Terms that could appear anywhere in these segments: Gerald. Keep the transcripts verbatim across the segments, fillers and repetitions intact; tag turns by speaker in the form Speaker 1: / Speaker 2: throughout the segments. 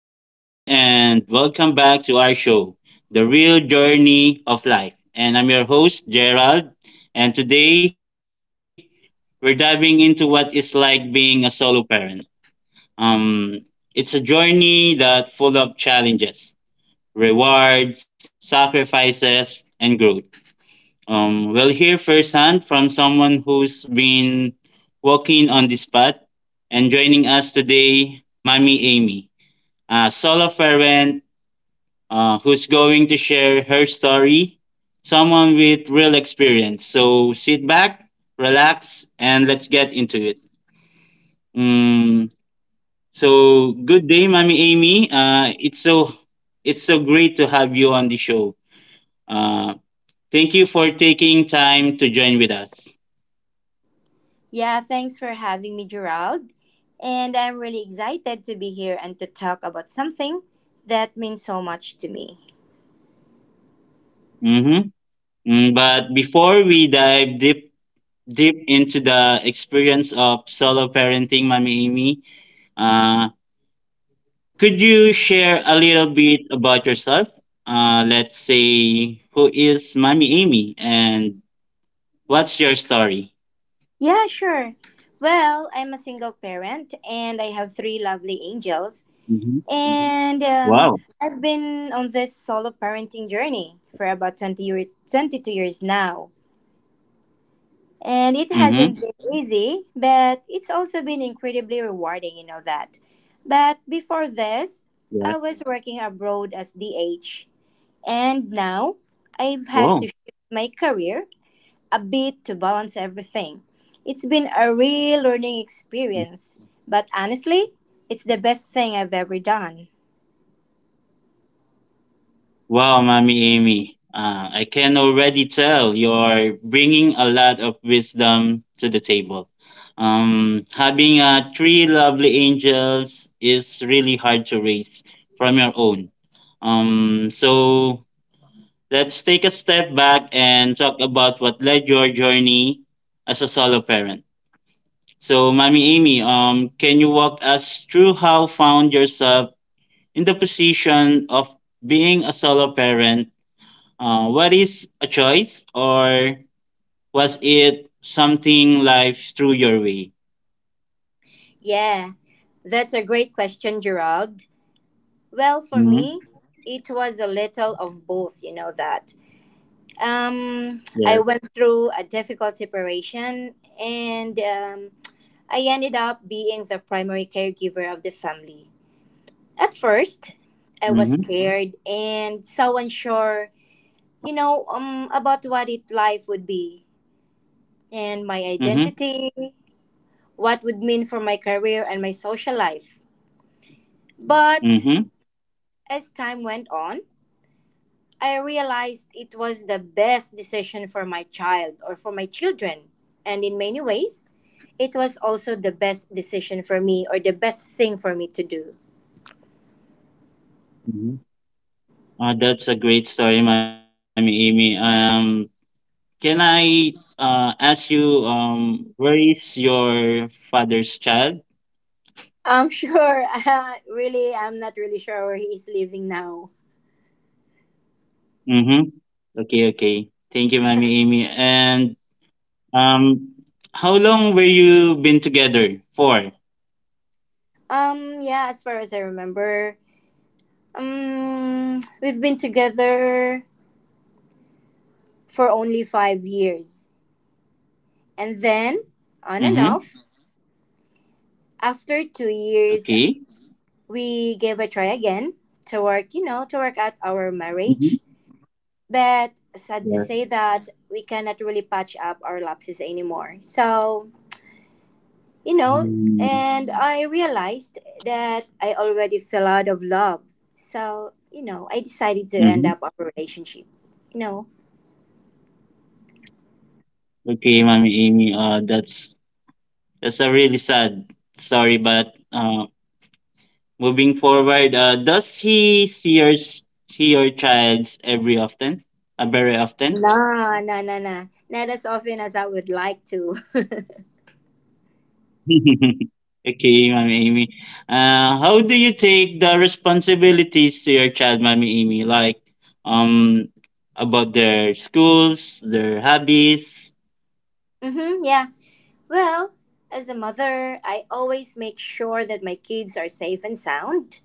Speaker 1: evening, and welcome back to our show, The Real Journey of Life. And I'm your host, Gerald. And today, we're diving into what it's like being a solo parent. Um, it's a journey that full of challenges, rewards, sacrifices, and growth. Um, we'll hear firsthand from someone who's been walking on this path. And joining us today, Mommy Amy a solo parent uh, who's going to share her story, someone with real experience. So sit back, relax, and let's get into it. Mm, so good day, Mommy Amy. Uh, it's so it's so great to have you on the show. Uh, Thank you for taking time to join with us.
Speaker 2: Yeah, thanks for having me, Gerald. And I'm really excited to be here and to talk about something that means so much to me.
Speaker 1: Mm-hmm. Mm, but before we dive deep deep into the experience of solo parenting, Mommy Amy, uh, could you share a little bit about yourself? Uh, let's say, who is Mommy Amy and what's your story?
Speaker 2: Yeah, sure. Well, I'm a single parent and I have three lovely angels.
Speaker 1: Hmm.
Speaker 2: And um,
Speaker 1: Wow.
Speaker 2: I've been on this solo parenting journey for about twenty years, twenty-two years now. And it
Speaker 1: Mm-hmm.
Speaker 2: hasn't been easy, but it's also been incredibly rewarding, you know that. But before this,
Speaker 1: Yeah.
Speaker 2: I was working abroad as D H, and now I've
Speaker 1: Wow.
Speaker 2: had to shift my career a bit to balance everything. It's been a real learning experience, but honestly, it's the best thing I've ever done.
Speaker 1: Wow, Mommy Amy. Uh, I can already tell you're bringing a lot of wisdom to the table. Um, having uh, three lovely angels is really hard to raise from your own. Um, so let's take a step back and talk about what led your journey as a solo parent. So, Mommy Amy, um, can you walk us through how found yourself in the position of being a solo parent? Uh, what is a choice, or was it something life threw your way?
Speaker 2: Yeah, that's a great question, Gerald. Well, for
Speaker 1: Mm-hmm.
Speaker 2: me, it was a little of both, you know that. Um,
Speaker 1: Yes.
Speaker 2: I went through a difficult separation and um, I ended up being the primary caregiver of the family. At first, I
Speaker 1: Mm-hmm.
Speaker 2: was scared and so unsure, you know, um, about what it life would be and my
Speaker 1: Mm-hmm.
Speaker 2: identity, what would mean for my career and my social life. But
Speaker 1: Mm-hmm.
Speaker 2: as time went on, I realized it was the best decision for my child or for my children. And in many ways, it was also the best decision for me or the best thing for me to do.
Speaker 1: Mm-hmm. Uh, that's a great story, Mommy Amy. Um, Can I uh, ask you um, where is your father's child?
Speaker 2: I'm sure, uh, really, I'm not really sure where he is living now.
Speaker 1: Mm-hmm. Okay, okay. Thank you, Mommy Amy. And um, how long were you been together for?
Speaker 2: Um, yeah, as far as I remember, um, we've been together for only five years. And then, on and
Speaker 1: Mm-hmm.
Speaker 2: off, after two years,
Speaker 1: Okay.
Speaker 2: we gave a try again to work, you know, to work out our
Speaker 1: Mm-hmm.
Speaker 2: marriage. But sad to
Speaker 1: Yes.
Speaker 2: say that we cannot really patch up our lapses anymore. So, you know,
Speaker 1: Mm-hmm.
Speaker 2: and I realized that I already fell out of love. So, you know, I decided to end up
Speaker 1: Mm-hmm.
Speaker 2: our relationship. You know,
Speaker 1: Okay, Mommy Amy. Uh, that's that's a really sad story, but uh, moving forward, uh, does he see your s- see your childs every often? Uh, very often?
Speaker 2: nah, nah, nah, nah. Not as often as I would like to.
Speaker 1: Okay, Mommy Amy. Uh, how do you take the responsibilities to your child, Mommy Amy? Like, um, about their schools, their hobbies.
Speaker 2: Mm-hmm, yeah. Well, as a mother, I always make sure that my kids are safe and sound.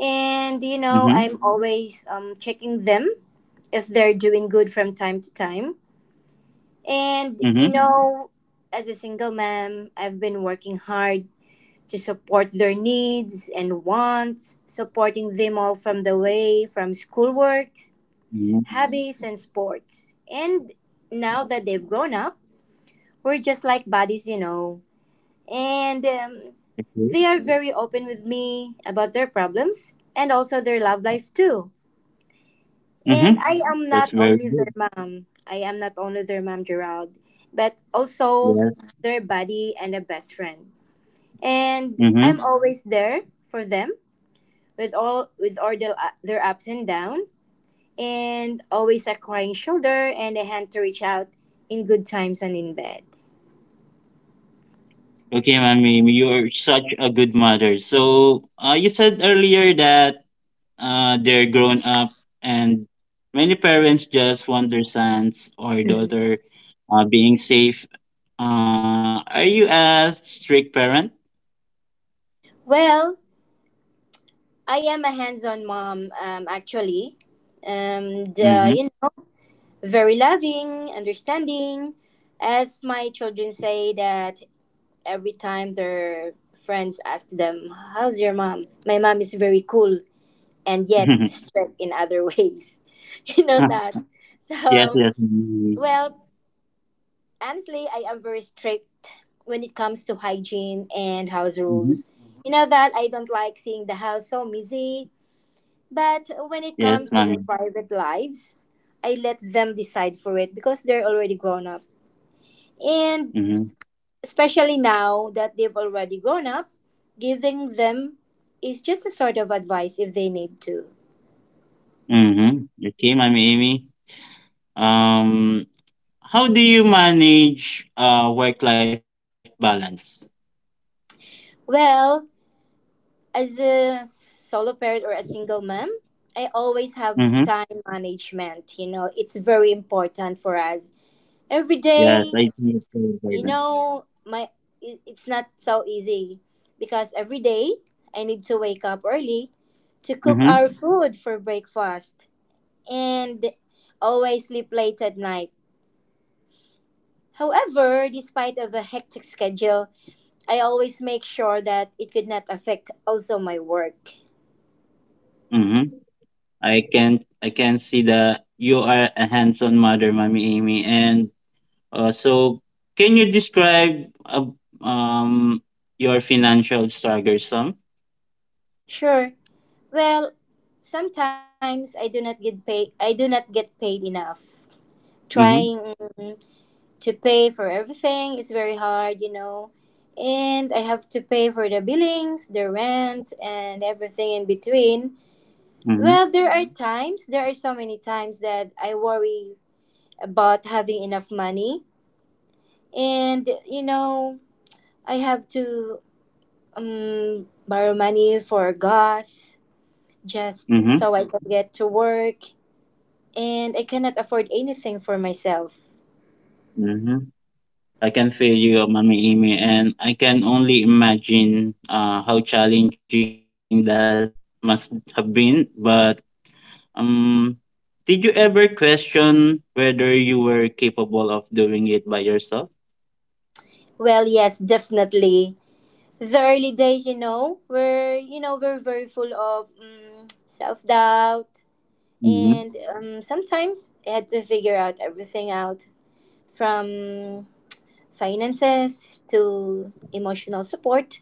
Speaker 2: And, you know,
Speaker 1: Mm-hmm.
Speaker 2: I'm Mhm. always um, checking them if they're doing good from time to time. And, you Mhm.
Speaker 1: Mm-hmm.
Speaker 2: know, as a single mom, I've been working hard to support their needs and wants, supporting them all from the way, from schoolwork
Speaker 1: Mm-hmm.
Speaker 2: habits and sports. And now that they've grown up, we're just like buddies, you know. And um,
Speaker 1: Okay.
Speaker 2: They are very open with me about their problems and also their love life too. And
Speaker 1: Mm-hmm.
Speaker 2: I am not
Speaker 1: That's very
Speaker 2: only their
Speaker 1: good.
Speaker 2: mom. I am not only their mom, Gerald, but also
Speaker 1: Yeah.
Speaker 2: their buddy and a best friend. And I'm
Speaker 1: Mm-hmm.
Speaker 2: always there for them with all with all the, uh, their ups and downs and always a crying shoulder and a hand to reach out in good times and in bad.
Speaker 1: Okay, Mommy Amy, you're such a good mother. So, uh, you said earlier that uh, they're grown up and many parents just want their sons or daughter uh, being safe. Uh, are you a strict parent?
Speaker 2: Well, I am a hands-on mom, um, actually, and uh,
Speaker 1: Mm-hmm.
Speaker 2: you know, very loving, understanding. As my children say that every time their friends ask them, "How's your mom?" My mom is very cool and yet strict in other ways. You know that. So,
Speaker 1: Yes, yes.
Speaker 2: well,
Speaker 1: Mm-hmm.
Speaker 2: honestly, I am very strict when it comes to hygiene and house rules. You know that I don't like seeing the house so messy, but when
Speaker 1: Yes,
Speaker 2: it
Speaker 1: mommy.
Speaker 2: comes to their private lives, I let them decide for it because they're already grown up. And
Speaker 1: Mm-hmm.
Speaker 2: especially now that they've already grown up, giving them is just a sort of advice if they need to.
Speaker 1: Mm-hmm. Okay, mommy Amy. Um, how do you manage uh work-life balance?
Speaker 2: Well, as a solo parent or a single mom, I always
Speaker 1: Mm-hmm.
Speaker 2: have time management. You know, it's very important for us every
Speaker 1: Yes, I
Speaker 2: day.
Speaker 1: think it's very important.
Speaker 2: You know, my i- it's not so easy because every day I need to wake up early to cook our
Speaker 1: Mm-hmm.
Speaker 2: food for breakfast and always sleep late at night. However, despite of a hectic schedule, I always make sure that it could not affect also my work.
Speaker 1: Mm-hmm. I can I can see that you are a hands-on mother, mommy Amy. And Uh, so, can you describe uh, um, your financial struggle some?
Speaker 2: Sure. Well, sometimes I do not get paid. I do not get paid enough.
Speaker 1: Mm-hmm,
Speaker 2: Trying to pay for everything is very hard, you know. And I have to pay for the billings, the rent, and everything in between.
Speaker 1: mm-hmm,
Speaker 2: Well, there are hmm times, there are so many times that I worry about having enough money. And, you know, I have to um, borrow money for gas just
Speaker 1: mm-hmm,
Speaker 2: so I can get to work and I cannot afford anything for myself.
Speaker 1: mm-hmm. I can feel you, uh, Mami Amy, and I can only imagine uh, how challenging that must have been. But um, did you ever question whether you were capable of doing it by yourself?
Speaker 2: Well, yes, definitely. The early days, you know, were you know were very full of um, self doubt,
Speaker 1: Mm-hmm,
Speaker 2: and um, sometimes I had to figure out everything out from finances to emotional support.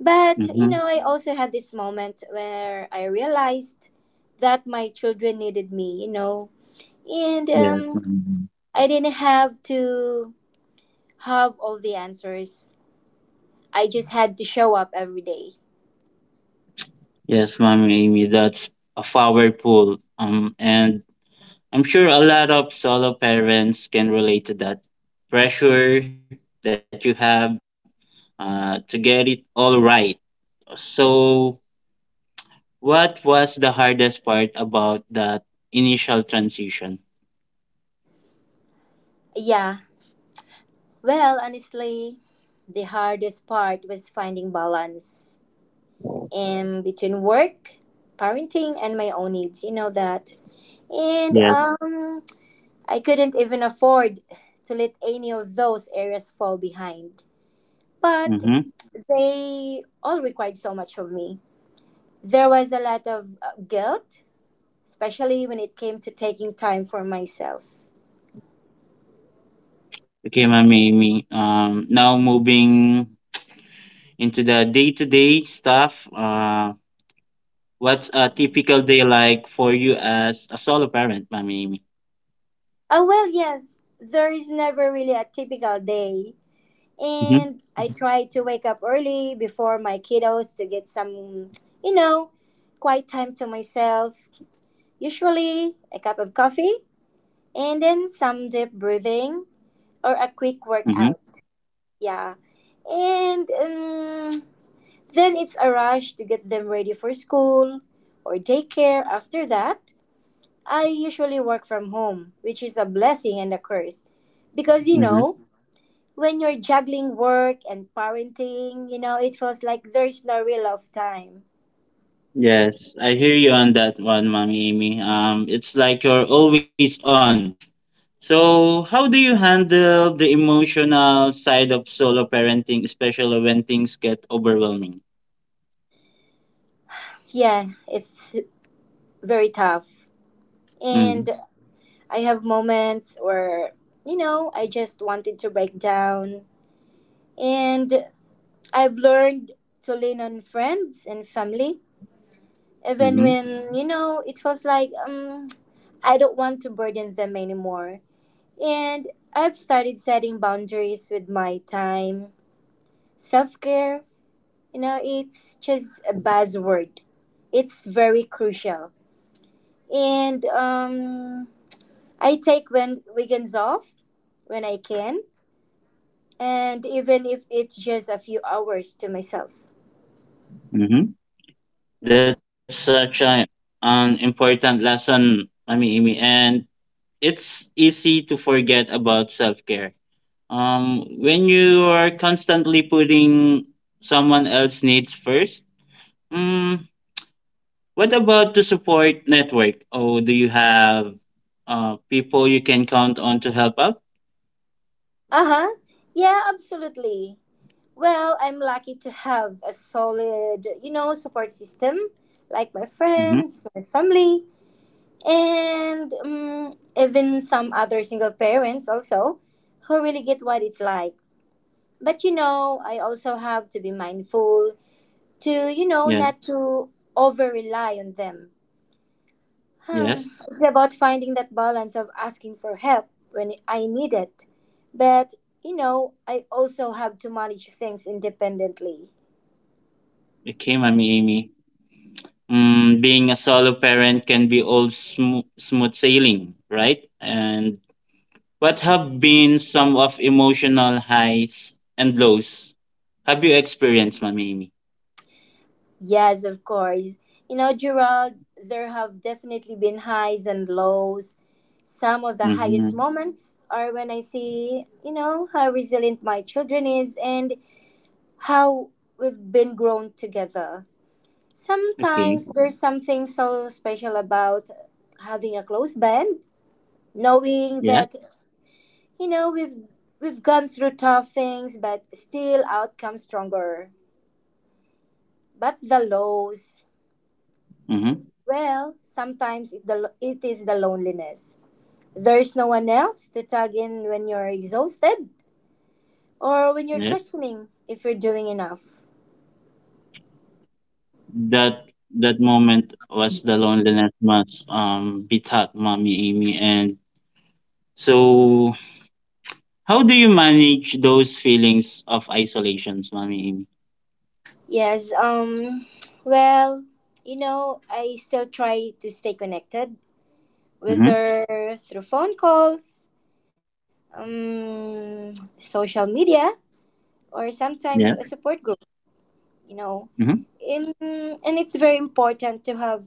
Speaker 2: But
Speaker 1: mm-hmm.
Speaker 2: you know, I also had this moment where I realized that my children needed me. You know, and
Speaker 1: Yes, Mami.
Speaker 2: um,
Speaker 1: Amy.
Speaker 2: I didn't have to have all the answers. I just had to show up every day.
Speaker 1: Yes, Mami Amy, that's a powerful um, and I'm sure a lot of solo parents can relate to that pressure that you have uh, to get it all right. So, what was the hardest part about that initial transition?
Speaker 2: Yeah. Well, honestly, the hardest part was finding balance in between work, parenting, and my own needs. You know that. And
Speaker 1: Yes.
Speaker 2: um, I couldn't even afford to let any of those areas fall behind. But
Speaker 1: Mm-hmm.
Speaker 2: they all required so much of me. There was a lot of uh, guilt, especially when it came to taking time for myself.
Speaker 1: Okay, Ma'am Amy. Um, now moving into the day-to-day stuff. Uh, what's a typical day like for you as a solo parent, Ma'am Amy?
Speaker 2: Oh, well, yes. There is never really a typical day. And
Speaker 1: Mm-hmm.
Speaker 2: I try to wake up early before my kiddos to get some, you know, quiet time to myself. Usually a cup of coffee and then some deep breathing or a quick
Speaker 1: Mm-hmm.
Speaker 2: workout. Yeah. And um, Then it's a rush to get them ready for school or daycare. After that, I usually work from home, which is a blessing and a curse because you know when you're juggling work and parenting, you know, it feels like there's no real of time.
Speaker 1: Yes, I hear you on that one, Mommy Amy. Um, it's like you're always on. So, how do you handle the emotional side of solo parenting, especially when things get overwhelming?
Speaker 2: Yeah, it's very tough. And
Speaker 1: Mm-hmm.
Speaker 2: I have moments where, you know, I just wanted to break down. And I've learned to lean on friends and family, even
Speaker 1: Mm-hmm.
Speaker 2: when, you know, it feels like um, I don't want to burden them anymore. And I've started setting boundaries with my time, self care, you know it's just a buzzword, it's very crucial, and um I take when weekends off when I can, and even if it's just a few hours to myself.
Speaker 1: Mm-hmm. That's such a, an important lesson, Mommy Amy, and it's easy to forget about self care. Um, when you are constantly putting someone else's needs first, mm, what about the support network? Oh, do you have uh, people you can count on to help out?
Speaker 2: Uh-huh, yeah, absolutely. Well, I'm lucky to have a solid, you know, support system, like my
Speaker 1: Mm-hmm.
Speaker 2: friends, my family, and um, even some other single parents also who really get what it's like. But you know, I also have to be mindful to, you know, not
Speaker 1: Yeah.
Speaker 2: to over rely on them.
Speaker 1: Yes.
Speaker 2: Huh, it's about finding that balance of asking for help when I need it, but you know, I also have to manage things independently.
Speaker 1: Okay, Mommy Amy. Mm, being a solo parent can be all sm- smooth sailing, right? And what have been some of emotional highs and lows? Have you experienced, Mommy Amy?
Speaker 2: Yes, of course. You know, Gerald, there have definitely been highs and lows. Some of the
Speaker 1: Mm-hmm.
Speaker 2: highest moments are when I see, you know, how resilient my children is and how we've been grown together.
Speaker 1: Okay.
Speaker 2: Sometimes there's something so special about having a close band, knowing
Speaker 1: Yes.
Speaker 2: that, you know, we've we've gone through tough things but still out come stronger. But the lows,
Speaker 1: Mm-hmm.
Speaker 2: well, sometimes it, the, it is the loneliness. There's no one else to tug in when you're exhausted or
Speaker 1: Yes.
Speaker 2: when you're questioning if you're doing enough.
Speaker 1: That that moment was the loneliness must um be taught, Mommy Amy. And so, how do you manage those feelings of isolations, Mommy Amy?
Speaker 2: Yes, um well, you know, I still try to stay connected, whether
Speaker 1: Mm-hmm.
Speaker 2: through phone calls, um social media, or sometimes
Speaker 1: Yes.
Speaker 2: a support group, you know.
Speaker 1: Mm-hmm.
Speaker 2: In, and it's very important to have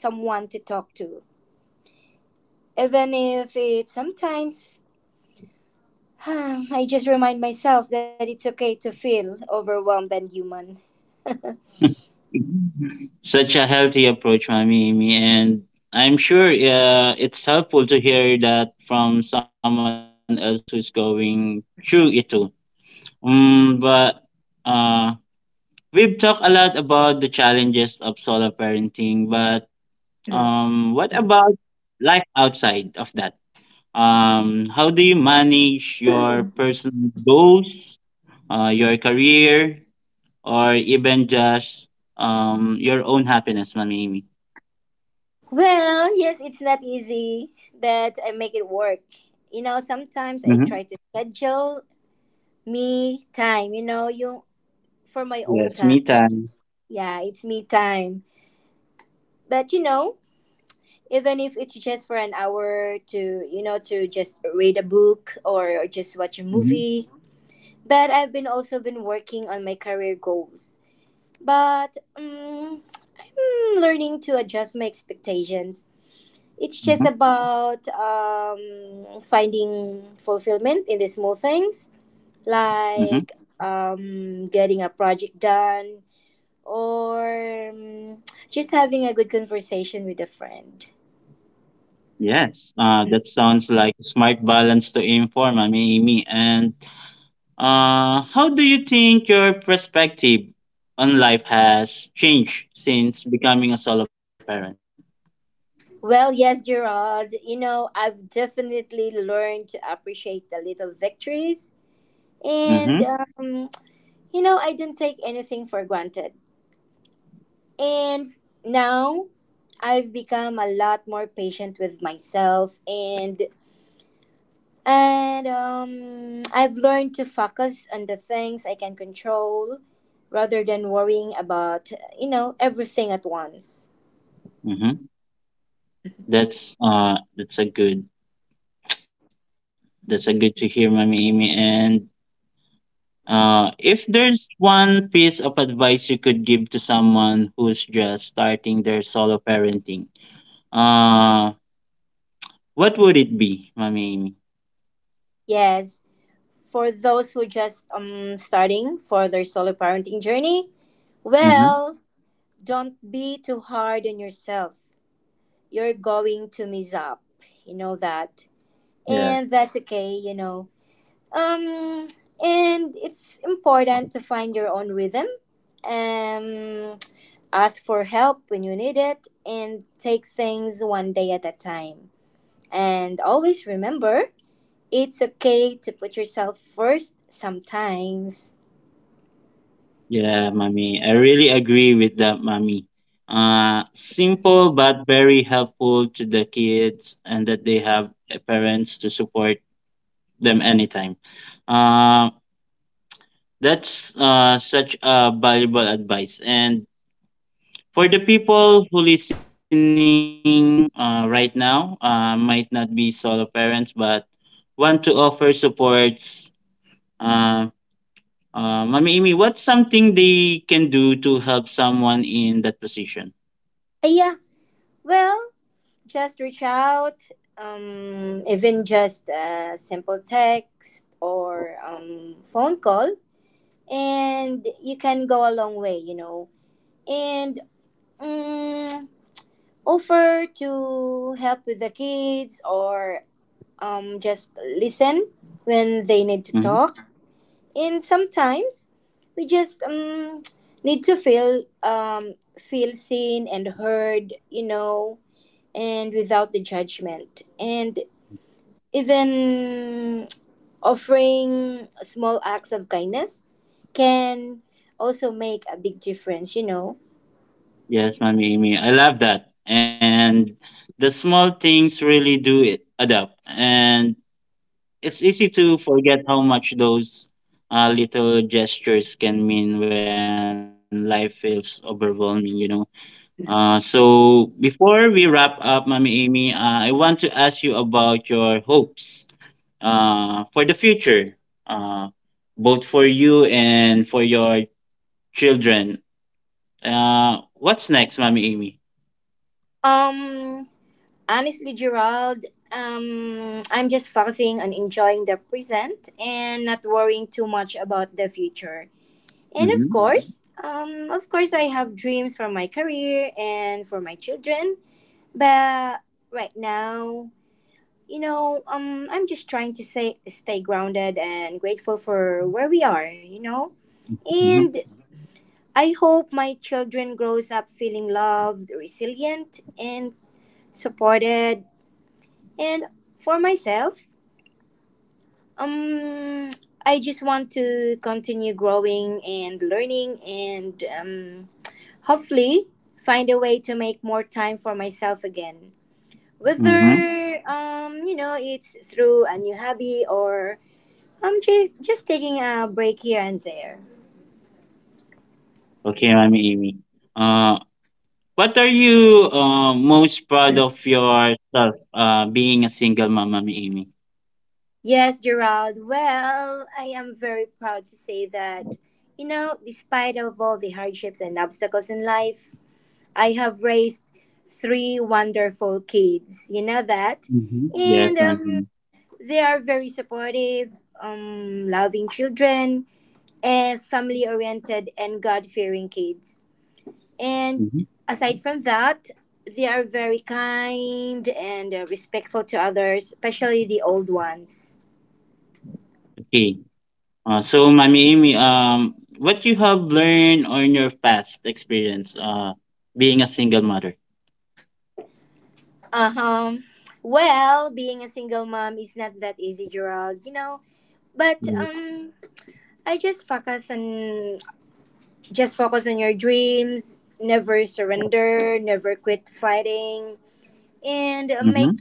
Speaker 2: someone to talk to. Even if it sometimes I just remind myself that it's okay to feel overwhelmed and human.
Speaker 1: Such a healthy approach, Mommy Amy, and I'm sure uh, it's helpful to hear that from someone else who's going through it too. Um, but uh, we've talked a lot about the challenges of solo parenting, but Um, what about life outside of that? Um, how do you manage your personal goals, uh, your career, or even just um, your own happiness, Mami Amy?
Speaker 2: Well, yes, it's not easy, but I make it work. You know,
Speaker 1: Mm-hmm.
Speaker 2: sometimes I try to schedule me time, you know, you for my
Speaker 1: Yes, me
Speaker 2: own time.
Speaker 1: time.
Speaker 2: Yeah, it's me time. But you know, even if it's just for an hour to, you know, to just read a book, or, or just watch a
Speaker 1: Mm-hmm.
Speaker 2: movie. But I've been also been working on my career goals. But um, Learning to adjust my expectations. It's just
Speaker 1: Mm-hmm.
Speaker 2: about um, finding fulfillment in the small things,
Speaker 1: Mm-hmm.
Speaker 2: like um, getting a project done or um, just having a good conversation with a friend.
Speaker 1: Yes, uh, that sounds like a smart balance to aim for, Mami Amy. And uh, how do you think your perspective on life has changed since becoming a solo parent?
Speaker 2: Well, yes, Gerald, you know, I've definitely learned to appreciate the little victories.
Speaker 1: Mm-hmm.
Speaker 2: And, um, you know, I don't take anything for granted. And now I've become a lot more patient with myself, and And um, I've learned to focus on the things I can control rather than worrying about, you know, everything at once.
Speaker 1: Mm-hmm. That's uh that's a good that's a good to hear, Mommy Amy. And uh if there's one piece of advice you could give to someone who's just starting their solo parenting, uh what would it be, Mommy Amy?
Speaker 2: Yes, for those who just um starting for their solo parenting journey,
Speaker 1: Mm-hmm.
Speaker 2: well, don't be too hard on yourself. You're going to mess up. You know that. And
Speaker 1: Yeah.
Speaker 2: that's okay, you know. Um and it's important to find your own rhythm. Um Ask for help when you need it, and take things one day at a time. And always remember, it's okay to put yourself first sometimes.
Speaker 1: Yeah, Mommy. I really agree with that, Mommy. Uh simple but very helpful to the kids and that they have uh, parents to support them anytime. Um That's uh, such a valuable advice. And for the people who listening uh, right now, uh, might not be solo parents, but want to offer supports. Uh, uh, Mami Imi, what's something they can do to help someone in that position?
Speaker 2: Uh, yeah, well, just reach out. Um, even just a simple text or um, phone call, and you can go a long way, you know. And um, Offer to help with the kids, or um, just listen when they need to
Speaker 1: Mhm.
Speaker 2: talk. And sometimes we just um, need to feel um, feel seen and heard, you know, and without the judgment. And even offering small acts of kindness can also make a big difference, you know.
Speaker 1: Yes, Mami Imi, I love that. And the small things really do it. Adapt and it's easy to forget how much those uh, little gestures can mean when life feels overwhelming, you know. Uh, so before we wrap up, Mommy Amy, uh, I want to ask you about your hopes uh, for the future, uh, both for you and for your children. Uh, what's next, Mommy Amy?
Speaker 2: Um, Honestly, Gerald, um, I'm just focusing on enjoying the present and not worrying too much about the future. And of hmm
Speaker 1: Mm-hmm,
Speaker 2: course, um, Of course, I have dreams for my career and for my children. But right now, you know, um, I'm just trying to say, stay grounded and grateful for where we are. You know,
Speaker 1: mm-hmm,
Speaker 2: and I hope my children grows up feeling loved, resilient, and supported. And for myself, um, I just want to continue growing and learning, and um, hopefully find a way to make more time for myself again.
Speaker 1: mm-hmm.
Speaker 2: Whether, um, you know, it's through a new hobby, or I'm just, just taking a break here and there.
Speaker 1: Okay, Mommy Amy. Uh, What are you uh, most proud of yourself uh, being a single mom, Mommy Amy?
Speaker 2: Yes, Gerald. Well, I am very proud to say that, you know, despite of all the hardships and obstacles in life, I have raised three wonderful kids. You know that,
Speaker 1: Mm-hmm.
Speaker 2: and
Speaker 1: Yes,
Speaker 2: um,
Speaker 1: Mommy.
Speaker 2: they are very supportive, um, loving children, and family-oriented and God-fearing kids. And
Speaker 1: Mm-hmm.
Speaker 2: aside from that, they are very kind and uh, respectful to others, especially the old ones.
Speaker 1: Okay. Uh, so, Mommy Amy, um, what you have learned on your past experience uh, being a single mother?
Speaker 2: Uh huh. Well, being a single mom is not that easy, Gerald. You know, but um, I just focus on just focus on your dreams, never surrender, never quit fighting, and
Speaker 1: Mm-hmm.
Speaker 2: make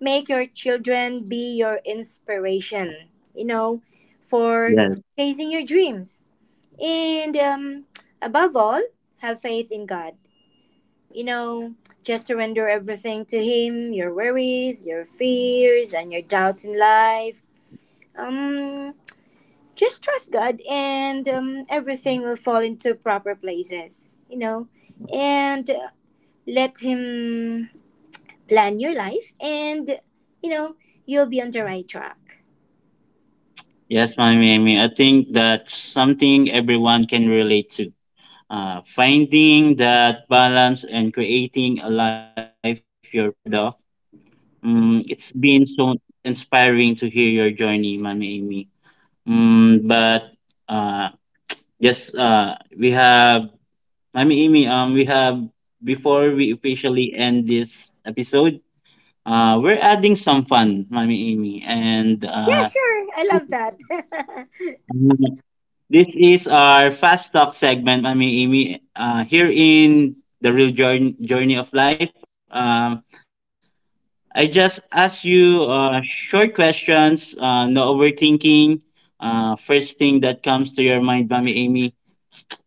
Speaker 2: make your children be your inspiration, you know, for
Speaker 1: Yes.
Speaker 2: chasing your dreams, and um, above all, have faith in God. You know, just surrender everything to Him, your worries, your fears, and your doubts in life. um just trust God, and um, everything will fall into proper places, you know, and uh, let Him plan your life, and, you know, you'll be on the right track.
Speaker 1: Yes, Mommy Amy. I think that's something everyone can relate to. Uh, finding that balance and creating a life you're proud of. Mm, it's been so inspiring to hear your journey, Mami Amy. Mm, but uh, yes, uh, we have Mami Amy. Um, we have Before we officially end this episode, uh, we're adding some fun, Mami Amy, and
Speaker 2: Yeah,
Speaker 1: uh,
Speaker 2: sure. I love that.
Speaker 1: this is our fast talk segment, Mami Amy. Uh, here in the real journey journey of life. Um, I just ask you uh, short questions, uh, no overthinking. Uh, first thing that comes to your mind, Mommy Amy.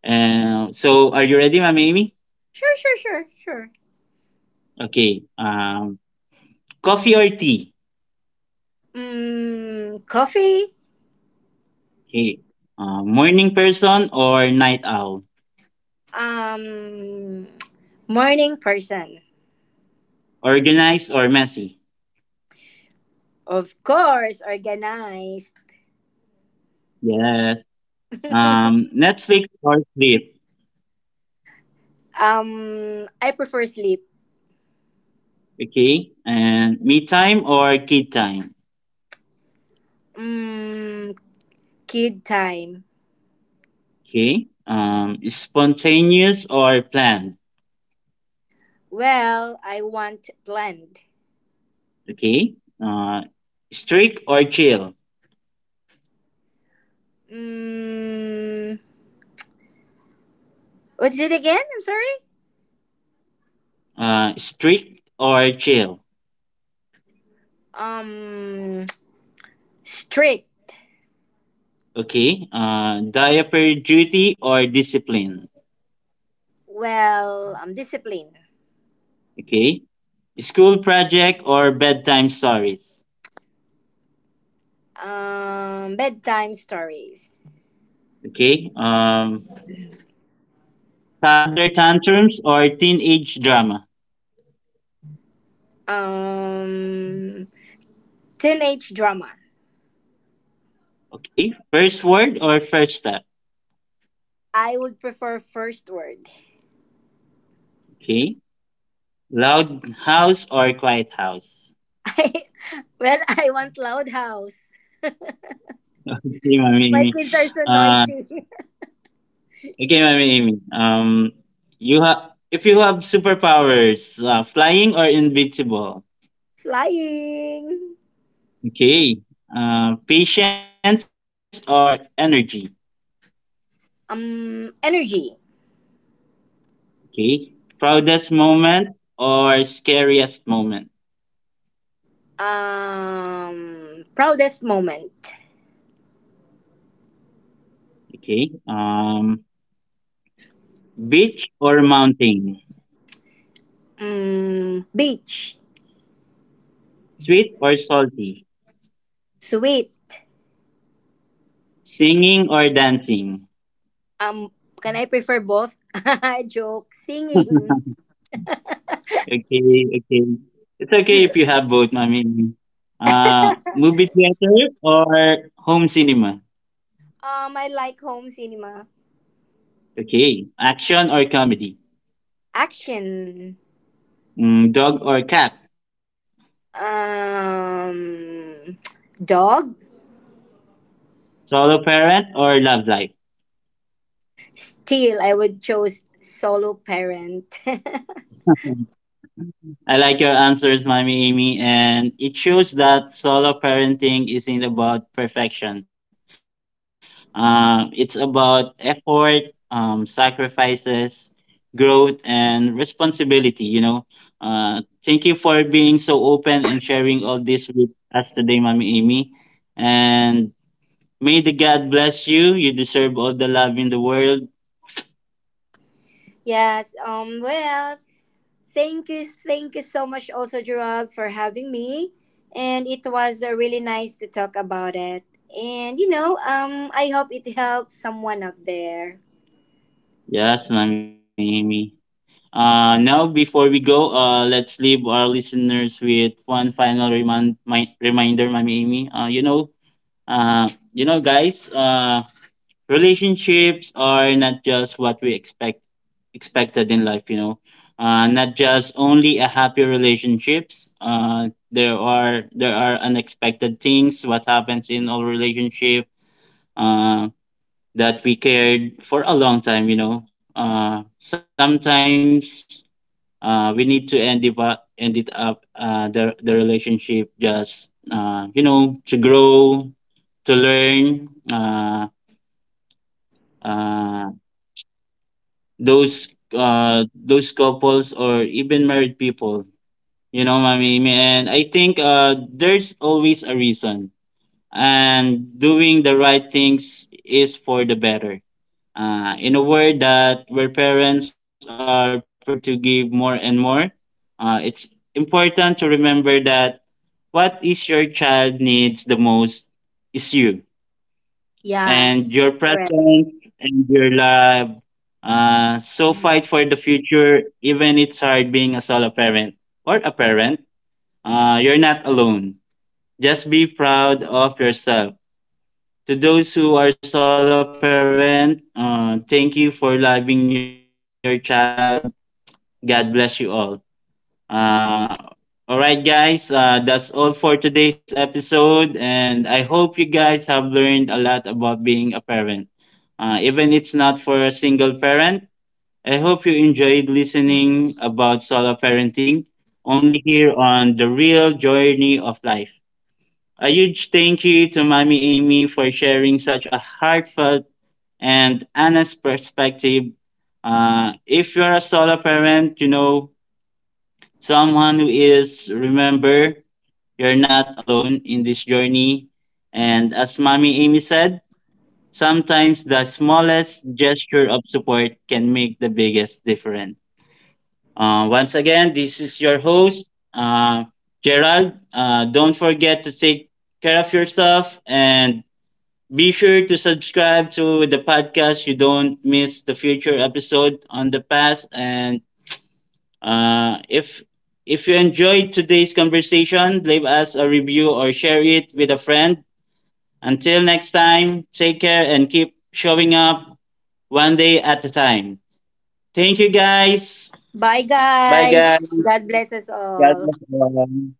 Speaker 1: Uh, so, are you ready, Mommy Amy?
Speaker 2: Sure, sure, sure, sure.
Speaker 1: Okay. Um, coffee or tea?
Speaker 2: Mm, coffee?
Speaker 1: Okay. Uh, morning person or night owl?
Speaker 2: Um, Morning person.
Speaker 1: Organized or messy?
Speaker 2: Of course, organized.
Speaker 1: Yes. Um, Netflix or sleep?
Speaker 2: Um, I prefer sleep.
Speaker 1: Okay. And me time or kid time?
Speaker 2: Mm, kid time.
Speaker 1: Okay. Um, spontaneous or planned?
Speaker 2: Well, I want blend.
Speaker 1: Okay. Uh, strict or chill.
Speaker 2: Mm, what's it again? I'm sorry.
Speaker 1: Uh, strict or chill.
Speaker 2: Um, Strict.
Speaker 1: Okay. Uh, diaper duty or discipline.
Speaker 2: Well, um, discipline.
Speaker 1: Okay. School project or bedtime stories.
Speaker 2: Um, bedtime stories.
Speaker 1: Okay. Um, toddler tantrums or teenage drama.
Speaker 2: Um, Teenage drama.
Speaker 1: Okay. First word or first step.
Speaker 2: I would prefer first word.
Speaker 1: Okay. Loud house or quiet house.
Speaker 2: I, well, I want loud house.
Speaker 1: Okay, Mami.
Speaker 2: My
Speaker 1: Mimi.
Speaker 2: kids are so
Speaker 1: Uh,
Speaker 2: noisy.
Speaker 1: Okay, Mami Amy. Um, you have If you have superpowers, uh, flying or invincible.
Speaker 2: Flying.
Speaker 1: Okay. Uh, patience or energy.
Speaker 2: Um, energy.
Speaker 1: Okay. Proudest moment or scariest moment.
Speaker 2: Um, proudest moment.
Speaker 1: Okay. Um, beach or mountain.
Speaker 2: Mm, beach,
Speaker 1: Sweet or salty.
Speaker 2: sweet.
Speaker 1: Singing or dancing.
Speaker 2: Um, can I prefer both? Joke. Singing.
Speaker 1: Okay. Okay. It's okay if you have both, Mami. Amy. Uh, movie theater or home cinema.
Speaker 2: Um, I like home cinema.
Speaker 1: Okay. Action or comedy?
Speaker 2: Action.
Speaker 1: Mm, dog or cat?
Speaker 2: Um, Dog.
Speaker 1: Solo parent or love life?
Speaker 2: Still, I would choose solo parent.
Speaker 1: I like your answers, Mommy Amy, and it shows that solo parenting isn't about perfection. Um, it's about effort, um, sacrifices, growth, and responsibility. You know, uh, thank you for being so open and sharing all this with us today, Mommy Amy. And may the God bless you. You deserve all the love in the world.
Speaker 2: Yes. Um. Well, thank you, thank you so much, also Gerald, for having me, and it was uh, really nice to talk about it. And you know, um, I hope it helps someone out there.
Speaker 1: Yes, Mami Amy. Uh, now, before we go, uh, let's leave our listeners with one final remind, mi- reminder, Mami Amy. Uh, you know, uh, you know, guys, uh, relationships are not just what we expect expected in life. You know, uh, not just only a happy relationships. Uh, there are there are unexpected things what happens in all relationship. Uh, that we cared for a long time, you know. Uh, sometimes uh, we need to end it up, end it up uh, the, the relationship just, uh, you know, to grow, to learn. Uh, uh, those uh, those couples or even married people, you know, mommy. And I think uh, there's always a reason, and doing the right things is for the better. Uh, in a world that where parents are pressured to give more and more, uh, it's important to remember that what is your child needs the most is you
Speaker 2: Yeah,
Speaker 1: and your
Speaker 2: correct.
Speaker 1: presence and your love. Uh, so fight for the future, even it's hard being a solo parent or a parent. Uh, you're not alone. Just be proud of yourself. To those who are solo parent, uh, thank you for loving your child. God bless you all. Uh, all right, guys, uh, that's all for today's episode, and I hope you guys have learned a lot about being a parent. Uh, even it's not for a single parent, I hope you enjoyed listening about solo parenting, only here on the real journey of life. A huge thank you to Mommy Amy for sharing such a heartfelt and honest perspective. Uh, if you're a solo parent, you know someone who is remember you're not alone in this journey, and as mommy amy said sometimes the smallest gesture of support can make the biggest difference. Uh, once again, this is your host, uh, Gerald. Uh, don't forget to take care of yourself and be sure to subscribe to the podcast you don't miss the future episode on the past. And uh, if if you enjoyed today's conversation, leave us a review or share it with a friend. Until next time, take care and keep showing up one day at a time. Thank you guys.
Speaker 2: Bye,
Speaker 1: Bye guys.
Speaker 2: guys. God bless us
Speaker 1: God
Speaker 2: all.
Speaker 1: bless everyone.